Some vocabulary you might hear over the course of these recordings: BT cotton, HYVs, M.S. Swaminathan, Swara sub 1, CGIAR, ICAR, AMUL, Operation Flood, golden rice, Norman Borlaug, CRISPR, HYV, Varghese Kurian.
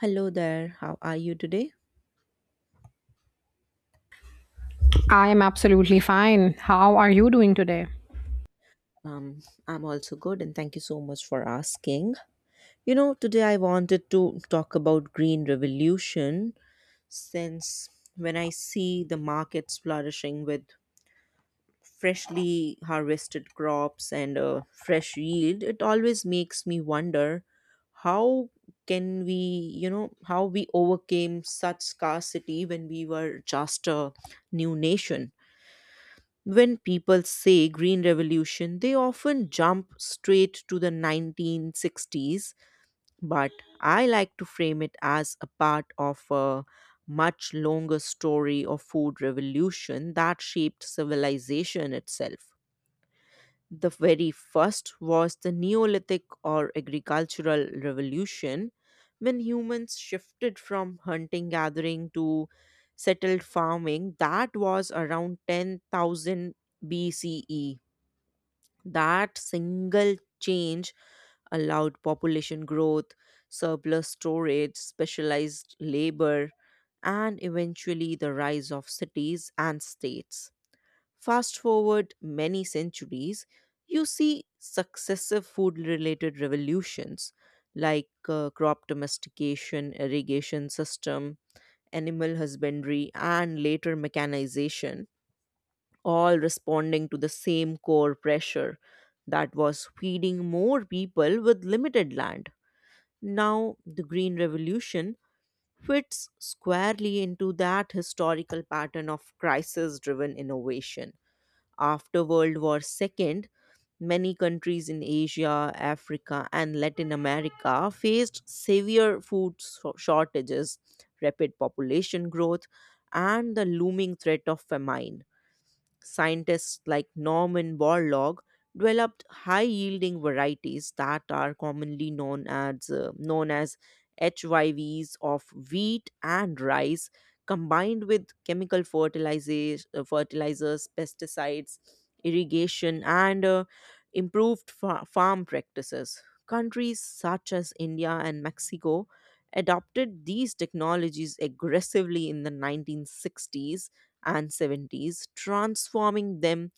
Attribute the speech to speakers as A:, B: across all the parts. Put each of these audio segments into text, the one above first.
A: Hello there. How are you today?
B: I am absolutely fine. How are you doing today?
A: Um, I'm also good, and thank you so much for asking. You know, today I wanted to talk about green revolution since when I see the markets flourishing with freshly harvested crops and a fresh yield, it always makes me wonder how can we how we overcame such scarcity when we were just a new nation. When people say Green Revolution, they often jump straight to the 1960s, but I like to frame it as a part of a much longer story of food revolution that shaped civilization itself. The very first was the Neolithic or agricultural revolution, when humans shifted from hunting gathering to settled farming. That was around 10,000 BCE. That single change allowed population growth, surplus storage, specialized labor, and eventually the rise of cities and states. Fast forward many centuries, you see successive food related revolutions like crop domestication, irrigation system, animal husbandry, and later mechanization, all responding to the same core pressure that was feeding more people with limited land. Now, the Green Revolution fits squarely into that historical pattern of crisis driven innovation after World War II. Many countries in Asia, Africa, and Latin America faced severe shortages, rapid population growth, and the looming threat of famine. Scientists like Norman Borlaug developed high-yielding varieties that are commonly known as HYVs of wheat and rice, combined with chemical fertilizers, pesticides, irrigation, and improved farm practices. Countries such as India and Mexico adopted these technologies aggressively in the 1960s and 70s, transforming them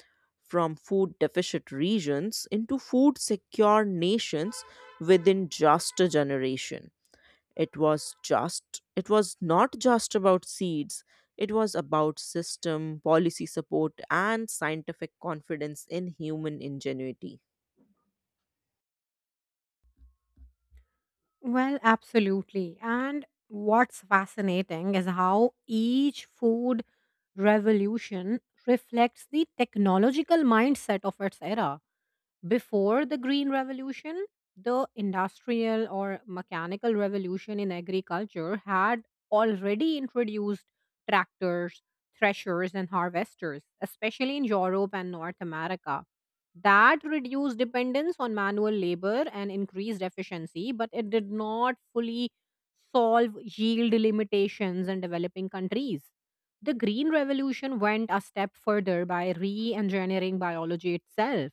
A: from food deficit regions into food secure nations within just a generation. It was not just about seeds. It was about system, policy support and scientific confidence in human ingenuity.
B: Well, absolutely. And what's fascinating is how each food revolution reflects the technological mindset of its era. Before the Green Revolution, the industrial or mechanical revolution in agriculture had already introduced tractors, threshers, and harvesters, especially in Europe and North America. That reduced dependence on manual labor and increased efficiency, but it did not fully solve yield limitations in developing countries. The Green Revolution went a step further by re engineering biology itself: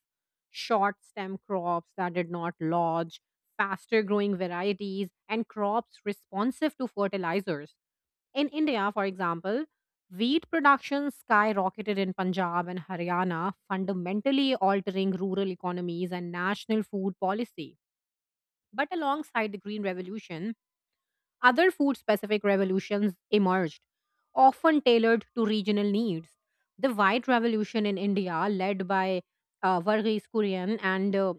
B: short stem crops that did not lodge, faster growing varieties, and crops responsive to fertilizers. In India, for example, wheat production skyrocketed in Punjab and Haryana, fundamentally altering rural economies and national food policy. But alongside the Green Revolution, other food specific revolutions emerged, often tailored to regional needs. The White Revolution in India, led by Varghese Kurian and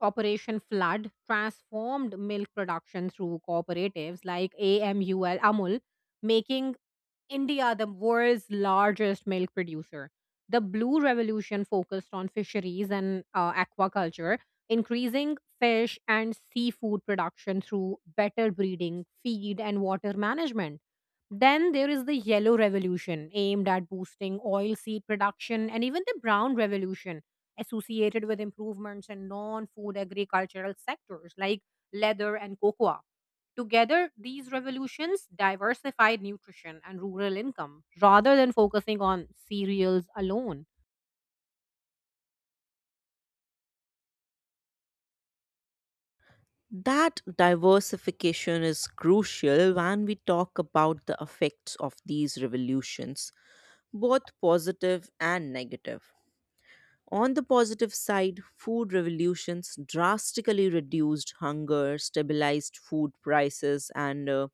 B: Operation Flood, transformed milk production through cooperatives like AMUL, making India the world's largest milk producer. The Blue Revolution focused on fisheries and aquaculture, increasing fish and seafood production through better breeding, feed, and water management. Then there is the Yellow Revolution, aimed at boosting oilseed production, and even the Brown Revolution, associated with improvements in non food agricultural sectors like leather and cocoa. Together, these revolutions diversified nutrition and rural income rather than focusing on cereals alone.
A: That diversification is crucial when we talk about the effects of these revolutions, both positive and negative. On the positive side, food revolutions drastically reduced hunger, stabilized food prices, and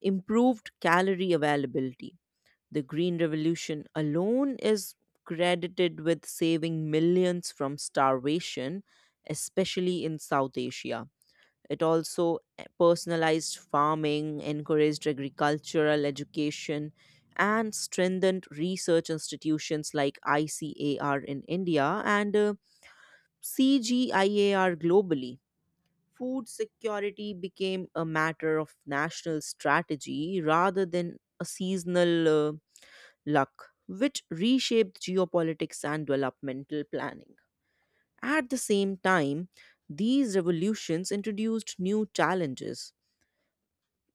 A: improved calorie availability. The Green Revolution alone is credited with saving millions from starvation, especially in South Asia. It also personalized farming, encouraged agricultural education, and strengthened research institutions like ICAR in India and CGIAR globally. Food security became a matter of national strategy rather than a seasonal luck, which reshaped geopolitics and developmental planning. At the same time, these revolutions introduced new challenges.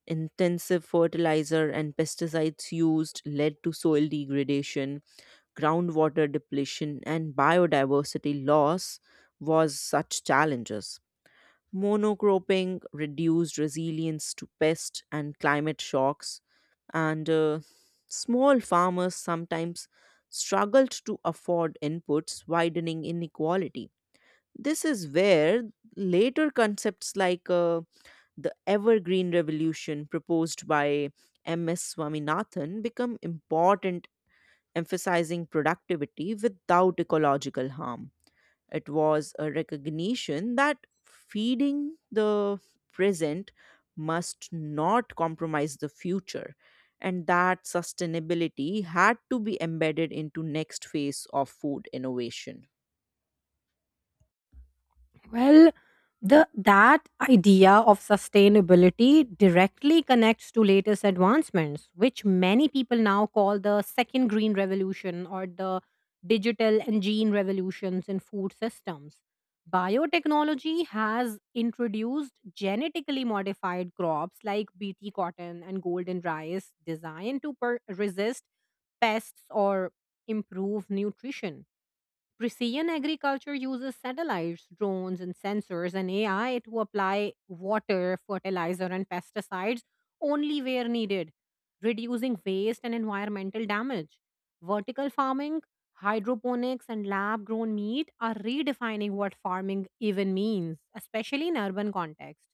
A: Intensive fertilizer and pesticides used led to soil degradation, groundwater depletion, and biodiversity loss was such challenges. Monocropping reduced resilience to pest and climate shocks, and small farmers sometimes struggled to afford inputs, widening inequality. This is where later concepts like the evergreen revolution proposed by ms swaminathan became important, emphasizing productivity without ecological harm. It was a recognition that feeding the present must not compromise the future, and that sustainability had to be embedded into next phase of food innovation.
B: Well, the that idea of sustainability directly connects to latest advancements, which many people now call the second green revolution or the digital and gene revolutions in food systems. Biotechnology has introduced genetically modified crops like BT cotton and golden rice designed to resist pests or improve nutrition. Precision agriculture uses satellites, drones, and sensors and AI to apply water, fertilizer, and pesticides only where needed, reducing waste and environmental damage. Vertical farming, hydroponics, and lab grown meat are redefining what farming even means, especially in urban context.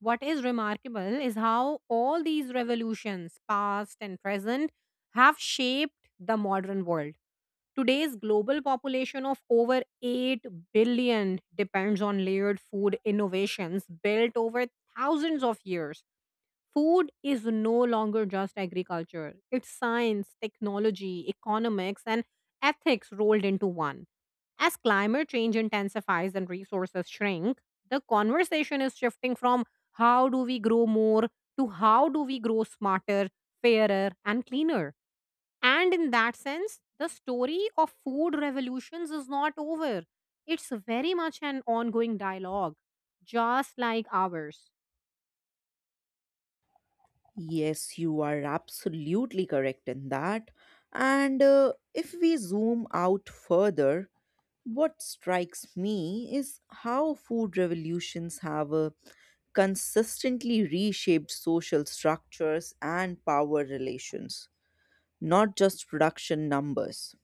B: What is remarkable is how all these revolutions, past and present, have shaped the modern world. Today's global population of over 8 billion depends on layered food innovations built over thousands of years. Food is no longer just agriculture, it's science, technology, economics, and ethics rolled into one. As climate change intensifies and resources shrink, the conversation is shifting from how do we grow more to how do we grow smarter, fairer, and cleaner. And in that sense, the story of food revolutions is not over. It's very much an ongoing dialogue, just like ours.
A: Yes, you are absolutely correct in that. And if we zoom out further, what strikes me is how food revolutions have consistently reshaped social structures and power relations, not just production numbers.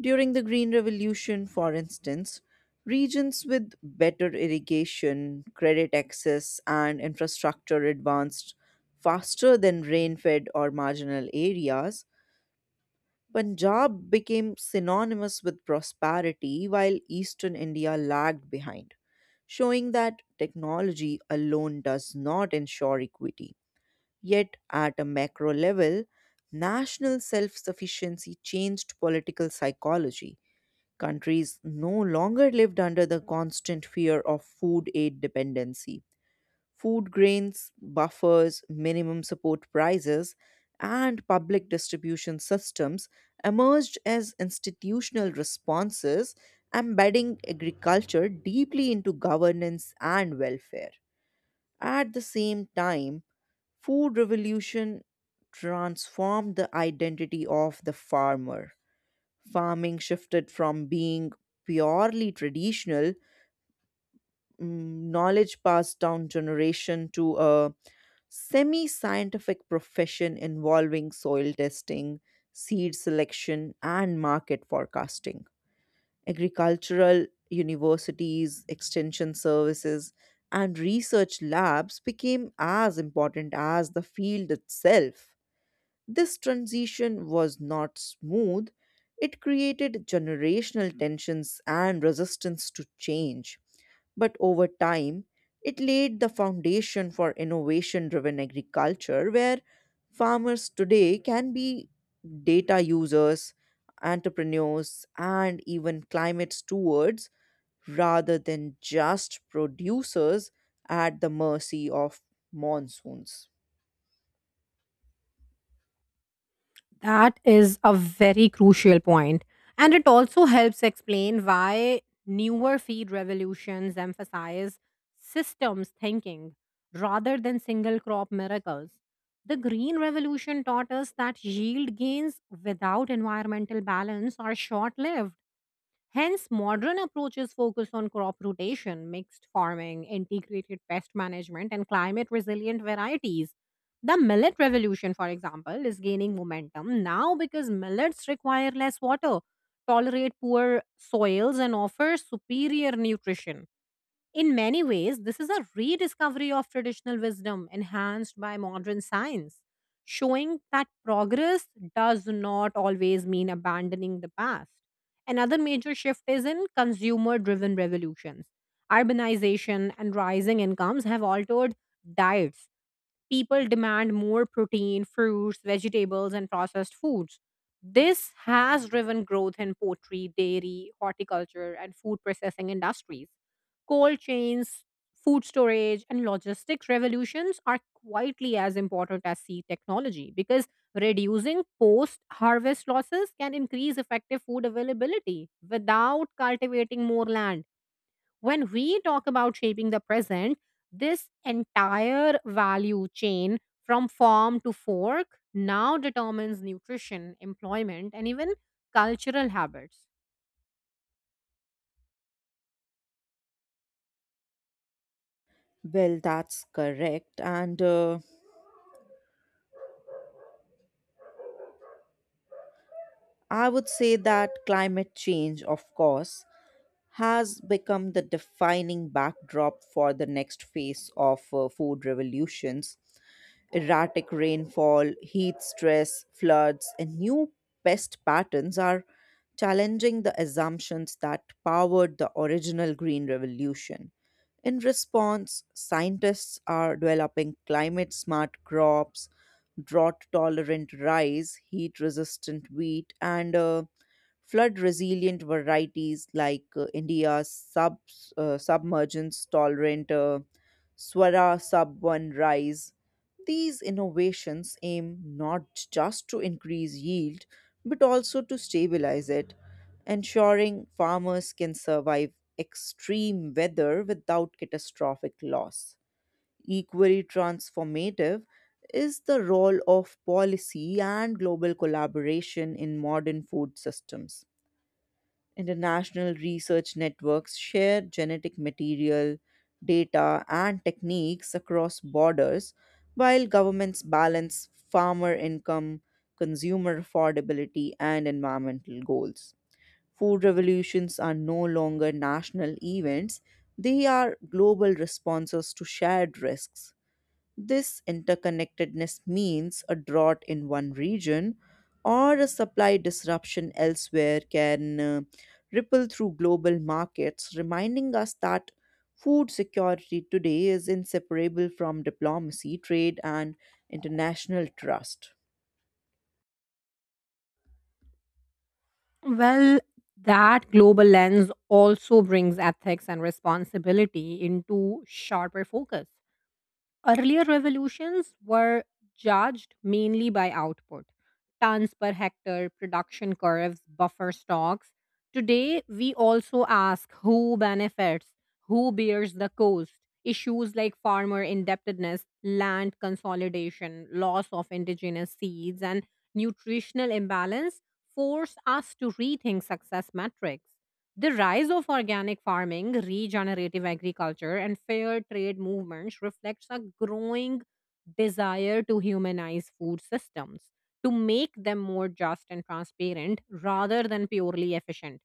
A: During the Green Revolution, for instance, regions with better irrigation, credit access, and infrastructure advanced faster than rain fed or marginal areas. Punjab became synonymous with prosperity while eastern India lagged behind, showing that technology alone does not ensure equity. Yet, at a macro level, national self sufficiency changed political psychology. Countries no longer lived under the constant fear of food aid dependency. Food grains, buffers, minimum support prices, and public distribution systems emerged as institutional responses, embedding agriculture deeply into governance and welfare. At the same time, food revolution transformed the identity of the farmer. Farming shifted from being purely traditional, knowledge passed down generation to a semi scientific profession involving soil testing, seed selection, and market forecasting. Agricultural universities, extension services, and research labs became as important as the field itself. This transition was not smooth. It created generational tensions and resistance to change. But over time, it laid the foundation for innovation driven agriculture where farmers today can be data users, entrepreneurs, and even climate stewards rather than just producers at the mercy of monsoons.
B: That is a very crucial point, and it also helps explain why newer feed revolutions emphasize systems thinking rather than single crop miracles. The Green Revolution taught us that yield gains without environmental balance are short lived. Hence, modern approaches focus on crop rotation, mixed farming, integrated pest management, and climate resilient varieties. The millet revolution, for example, is gaining momentum now because millets require less water, tolerate poor soils, and offer superior nutrition. In many ways, this is a rediscovery of traditional wisdom enhanced by modern science, showing that progress does not always mean abandoning the past. Another major shift is in consumer driven revolutions. Urbanization and rising incomes have altered diets, people demand more protein, fruits, vegetables, and processed foods. This has driven growth in poultry, dairy, horticulture, and food processing industries. Cold chains, food storage, and logistics revolutions are quietly as important as seed technology because reducing post harvest losses can increase effective food availability without cultivating more land. When we talk about shaping the present, this entire value chain from farm to fork now determines nutrition, employment, and even cultural habits.
A: Well, that's correct. And I would say that climate change, of course, has become the defining backdrop for the next phase of food revolutions. Erratic rainfall, heat stress, floods, and new pest patterns are challenging the assumptions that powered the original Green Revolution. In response, scientists are developing climate smart crops, drought tolerant rice, heat resistant wheat, and flood resilient varieties like India's submergence tolerant Swara sub 1 rice. These innovations aim not just to increase yield, but also to stabilize it, ensuring farmers can survive extreme weather without catastrophic loss. Equally transformative is the role of policy and global collaboration in modern food systems. International research networks share genetic material, data, and techniques across borders, while governments balance farmer income, consumer affordability, and environmental goals. Food revolutions are no longer national events, they are global responses to shared risks. This interconnectedness means a drought in one region or a supply disruption elsewhere can ripple through global markets, reminding us that food security today is inseparable from diplomacy, trade, and international trust.
B: Well, that global lens also brings ethics and responsibility into sharper focus. Earlier revolutions were judged mainly by output: tons per hectare, production curves, buffer stocks. Today, we also ask who benefits, who bears the cost. Issues like farmer indebtedness, land consolidation, loss of indigenous seeds, and nutritional imbalance force us to rethink success metrics. The rise of organic farming, regenerative agriculture, and fair trade movements reflects a growing desire to humanize food systems, to make them more just and transparent rather than purely efficient.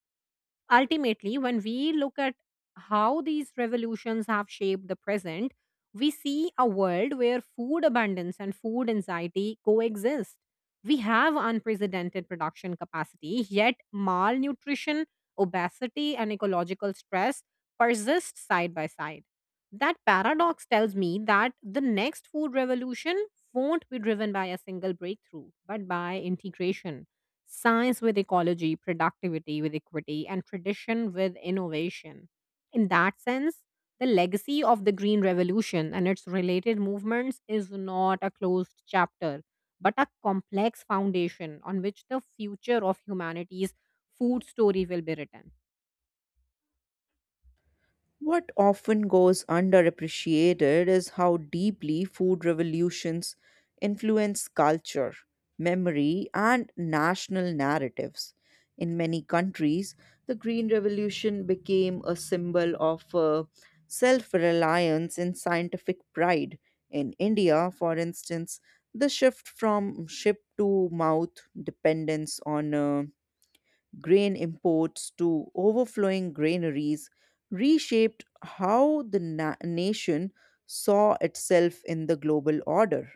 B: Ultimately, when we look at how these revolutions have shaped the present, we see a world where food abundance and food anxiety coexist. We have unprecedented production capacity, yet malnutrition, obesity, and ecological stress persist side by side. That paradox tells me that the next food revolution won't be driven by a single breakthrough, but by integration: science with ecology, productivity with equity, and tradition with innovation. In that sense, the legacy of the Green Revolution and its related movements is not a closed chapter, but a complex foundation on which the future of humanity's food story will be written.
A: What often goes underappreciated is how deeply food revolutions influence culture, memory, and national narratives. In many countries, the Green Revolution became a symbol of self reliance and scientific pride. In India, for instance, the shift from ship to mouth dependence on grain imports to overflowing granaries reshaped how the nation saw itself in the global order.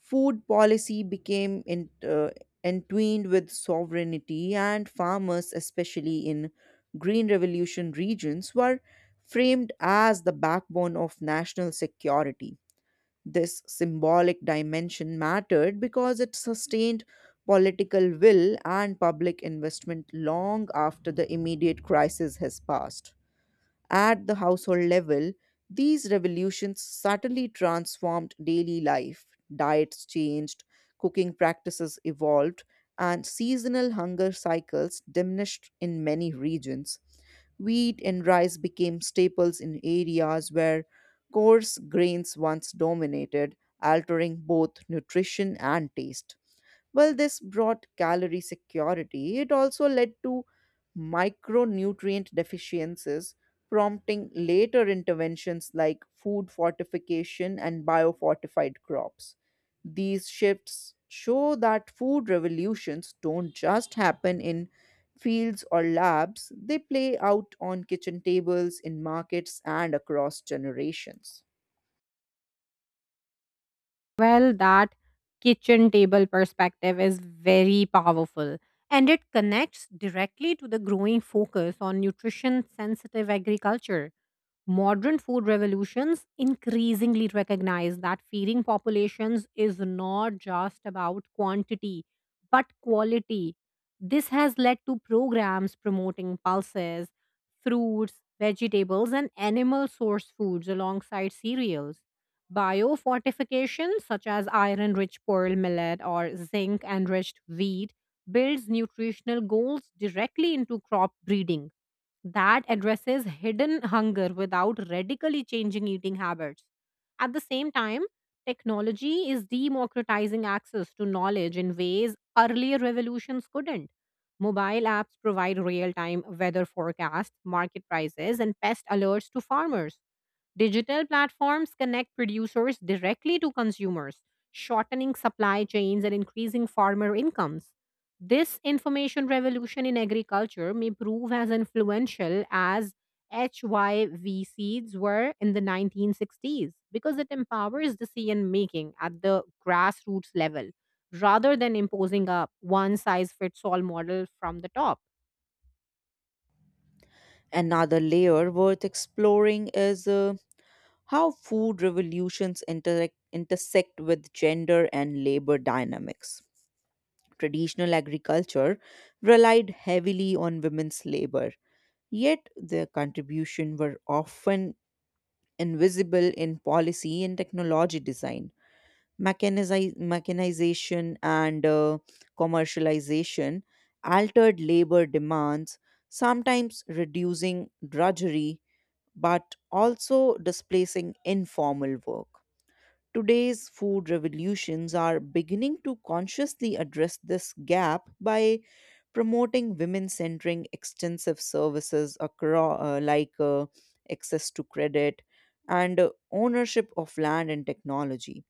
A: Food policy became entwined with sovereignty, and farmers, especially in Green Revolution regions, were framed as the backbone of national security. This symbolic dimension mattered because it sustained political will and public investment long after the immediate crisis has passed. At the household level, these revolutions subtly transformed daily life. Diets changed, cooking practices evolved, and seasonal hunger cycles diminished in many regions. Wheat and rice became staples in areas where coarse grains once dominated, altering both nutrition and taste. Well, this brought calorie security. It also led to micronutrient deficiencies, prompting later interventions like food fortification and biofortified crops. These shifts show that food revolutions don't just happen in fields or labs, they play out on kitchen tables, in markets, and across generations.
B: Well, that kitchen table perspective is very powerful, and it connects directly to the growing focus on nutrition sensitive agriculture. Modern food revolutions increasingly recognize that feeding populations is not just about quantity, but quality. This has led to programs promoting pulses, fruits, vegetables, and animal source foods alongside cereals. Biofortification, such as iron rich pearl millet or zinc enriched wheat, builds nutritional goals directly into crop breeding that addresses hidden hunger without radically changing eating habits. At the same time, technology is democratizing access to knowledge in ways earlier revolutions couldn't. Mobile apps provide real time weather forecasts, market prices, and pest alerts to farmers. Digital platforms connect producers directly to consumers, shortening supply chains and increasing farmer incomes. This information revolution in agriculture may prove as influential as HYV seeds were in the 1960s because it empowers decision making at the grassroots level rather than imposing a one size fits all model from the top.
A: Another layer worth exploring is how food revolutions intersect with gender and labor dynamics. Traditional agriculture relied heavily on women's labor, yet their contribution were often invisible in policy and technology design. Mechanization and commercialization altered labor demands, sometimes reducing drudgery, but also displacing informal work. Today's food revolutions are beginning to consciously address this gap by promoting women centering extensive services across, access to credit and ownership of land and technology.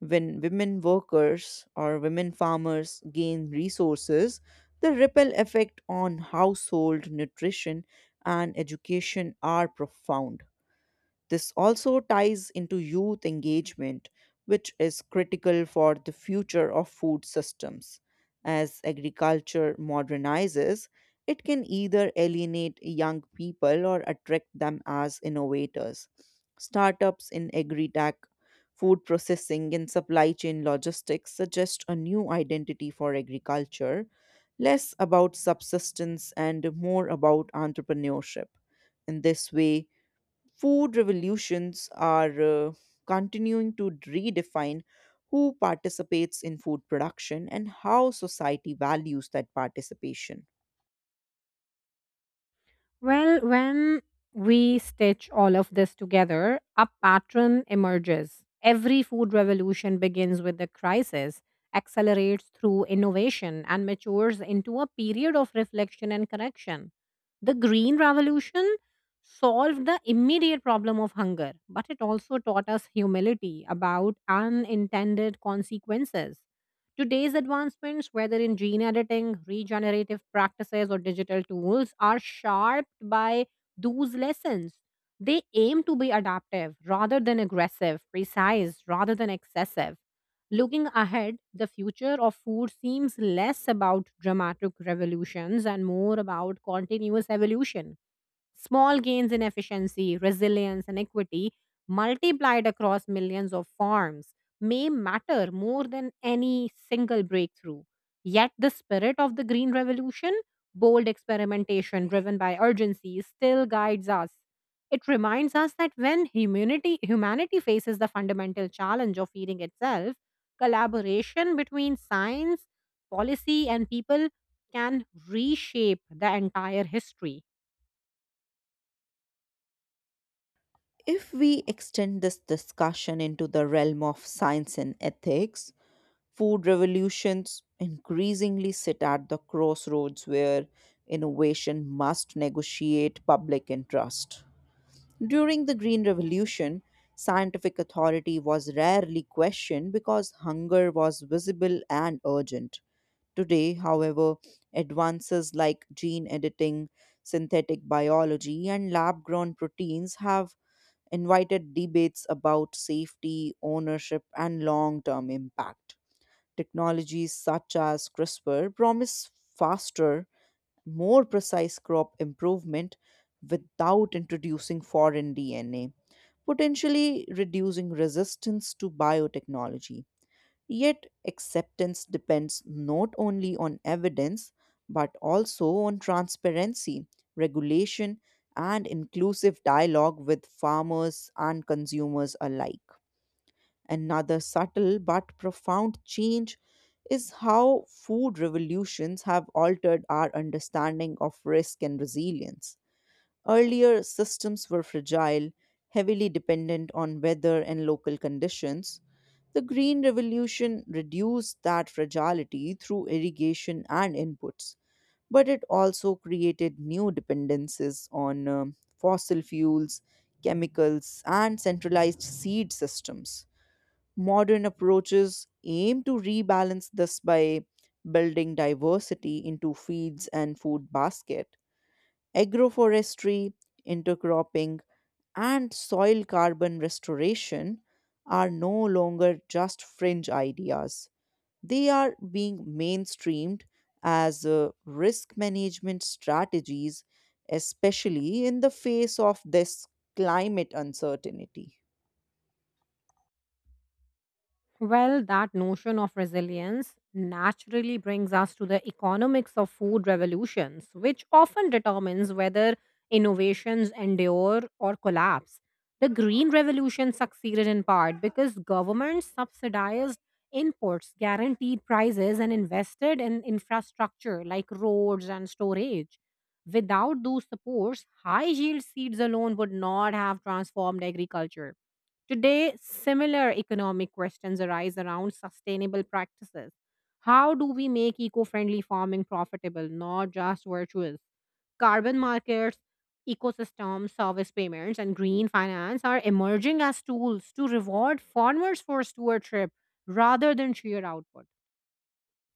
A: When women workers or women farmers gain resources, the ripple effect on household nutrition and education are profound. This also ties into youth engagement, which is critical for the future of food systems. As agriculture modernizes, it can either alienate young people or attract them as innovators. Startups in agri tech, food processing, and supply chain logistics suggest a new identity for agriculture, less about subsistence and more about entrepreneurship. In this way, food revolutions are continuing to redefine who participates in food production and how society values that participation.
B: Well, when we stitch all of this together, a pattern emerges. Every food revolution begins with a crisis, accelerates through innovation, and matures into a period of reflection and correction. The Green Revolution solved the immediate problem of hunger, but it also taught us humility about unintended consequences. Today's advancements, whether in gene editing, regenerative practices, or digital tools, are sharped by those lessons. They aim to be adaptive rather than aggressive, precise rather than excessive. Looking ahead, the future of food seems less about dramatic revolutions and more about continuous evolution. Small gains in efficiency, resilience, and equity multiplied across millions of farms may matter more than any single breakthrough. Yet, the spirit of the Green Revolution, bold experimentation driven by urgency, still guides us. It reminds us that when humanity faces the fundamental challenge of feeding itself, collaboration between science, policy, and people can reshape the entire history.
A: If we extend this discussion into the realm of science and ethics, food revolutions increasingly sit at the crossroads where innovation must negotiate public interest. During the Green Revolution, scientific authority was rarely questioned because hunger was visible and urgent. Today, however, advances like gene editing, synthetic biology, and lab grown proteins have invited debates about safety, ownership, and long term impact. Technologies such as CRISPR promise faster, more precise crop improvement without introducing foreign DNA, potentially reducing resistance to biotechnology. Yet, acceptance depends not only on evidence but also on transparency, regulation, and inclusive dialogue with farmers and consumers alike. Another subtle but profound change is how food revolutions have altered our understanding of risk and resilience. Earlier, systems were fragile, heavily dependent on weather and local conditions. The Green Revolution reduced that fragility through irrigation and inputs, but it also created new dependencies on fossil fuels, chemicals, and centralized seed systems. Modern approaches aim to rebalance this by building diversity into feeds and food basket. Agroforestry, intercropping, and soil carbon restoration are no longer just fringe ideas. They are being mainstreamed as risk management strategies, especially in the face of this climate uncertainty.
B: Well, that notion of resilience naturally brings us to the economics of food revolutions, which often determines whether innovations endure or collapse. The Green Revolution succeeded in part because governments subsidized imports, guaranteed prices, and invested in infrastructure like roads and storage. Without those supports, high yield seeds alone would not have transformed agriculture. Today, similar economic questions arise around sustainable practices. How do we make eco friendly farming profitable, not just virtuous? Carbon markets, ecosystem service payments, and green finance are emerging as tools to reward farmers for stewardship rather than sheer output.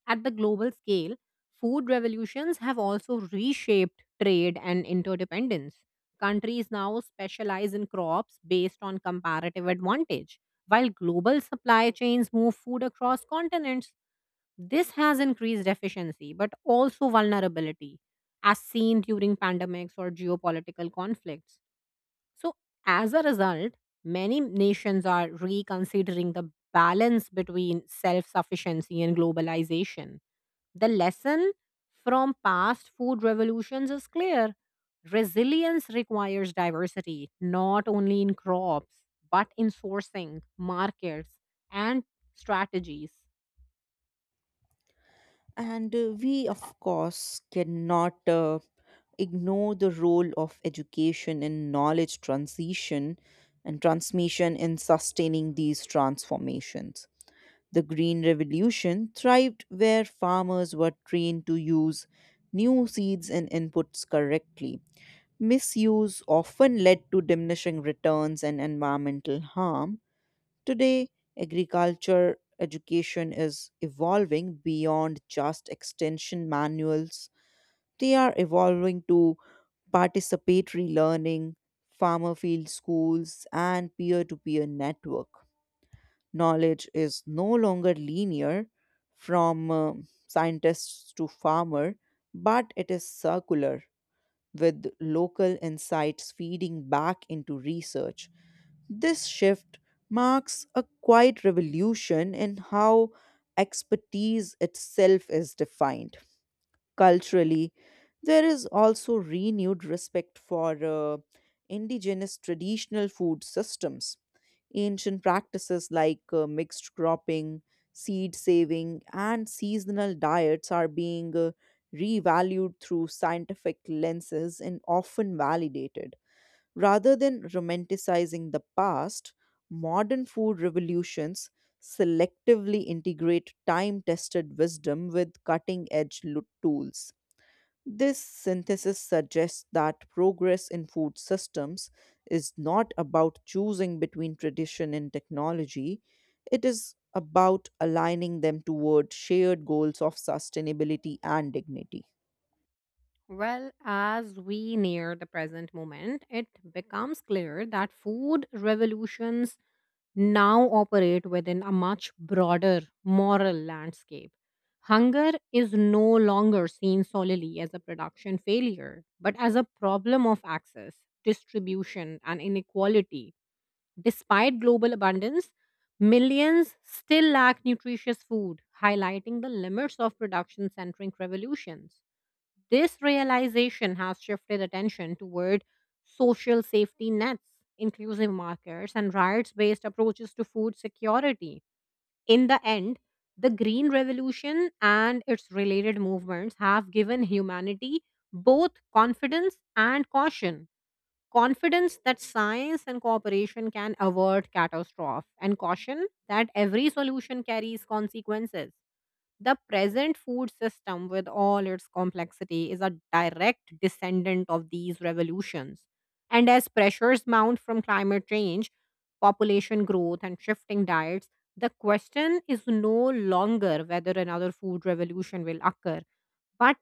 B: At the global scale, food revolutions have also reshaped trade and interdependence. Countries now specialize in crops based on comparative advantage, while global supply chains move food across continents. This has increased efficiency but also vulnerability, as seen during pandemics or geopolitical conflicts. So, as a result, many nations are reconsidering the balance between self sufficiency and globalization. The lesson from past food revolutions is clear. Resilience requires diversity, not only in crops, but in sourcing, markets, and strategies.
A: And we, of course, cannot ignore the role of education in knowledge transition and transmission in sustaining these transformations. The Green Revolution thrived where farmers were trained to use new seeds and inputs correctly. Misuse often led to diminishing returns and environmental harm. Today, agriculture education is evolving beyond just extension manuals. They are evolving to participatory learning, farmer field schools, and peer to peer network. Knowledge is no longer linear from scientists to farmer, but it is circular with local insights feeding back into research. This shift marks a quiet revolution in how expertise itself is defined. Culturally, there is also renewed respect for uh, indigenous traditional food systems. Ancient practices like mixed cropping, seed saving and seasonal diets are being revalued through scientific lenses and often validated. Rather than romanticizing the past, modern food revolutions selectively integrate time tested wisdom with cutting edge tools. This synthesis suggests that progress in food systems is not about choosing between tradition and technology, it is about aligning them toward shared goals of sustainability and dignity.
B: Well, as we near the present moment, it becomes clear that food revolutions now operate within a much broader moral landscape. Hunger is no longer seen solely as a production failure, but as a problem of access, distribution, and inequality. Despite global abundance, millions still lack nutritious food, highlighting the limits of production centric revolutions. This realization has shifted attention toward social safety nets, inclusive markets, and rights based approaches to food security. In the end, the Green Revolution and its related movements have given humanity both confidence and caution. Confidence that science and cooperation can avert catastrophe, and caution that every solution carries consequences. The present food system, with all its complexity, is a direct descendant of these revolutions. And as pressures mount from climate change, population growth, and shifting diets, the question is no longer whether another food revolution will occur, but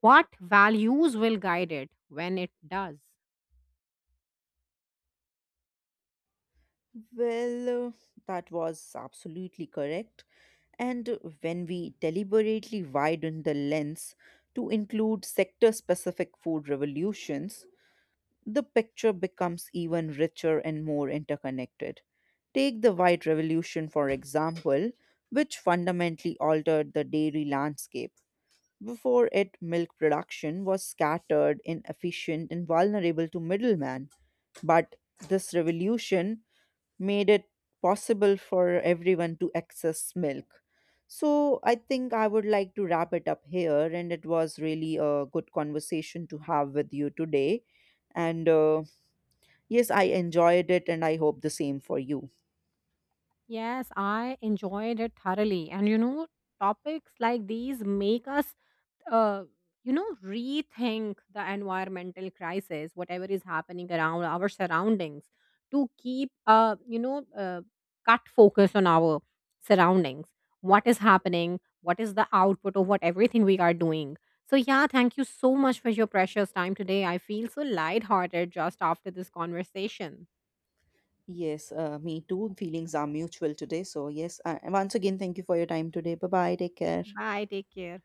B: what values will guide it when it does.
A: Well, that was absolutely correct. And when we deliberately widen the lens to include sector specific food revolutions, the picture becomes even richer and more interconnected. Take the White Revolution, for example, which fundamentally altered the dairy landscape. Before it, milk production was scattered, inefficient, and vulnerable to middlemen. But this revolution made it possible for everyone to access milk. So I think I would like to wrap it up here, and it was really a good conversation to have with you today. And yes, I enjoyed it, and I hope the same for you.
B: Yes, I enjoyed it thoroughly. And you know, topics like these make us uh, rethink the environmental crisis, whatever is happening around our surroundings, to keep cut focus on our surroundings, what is happening, what is the output of what everything we are doing. So yeah, thank you so much for your precious time today. I feel so lighthearted just after this conversation.
A: Yes, me too. Feelings are mutual today. So, yes, once again, thank you for your time today. Bye bye. Take care.
B: Bye, take care.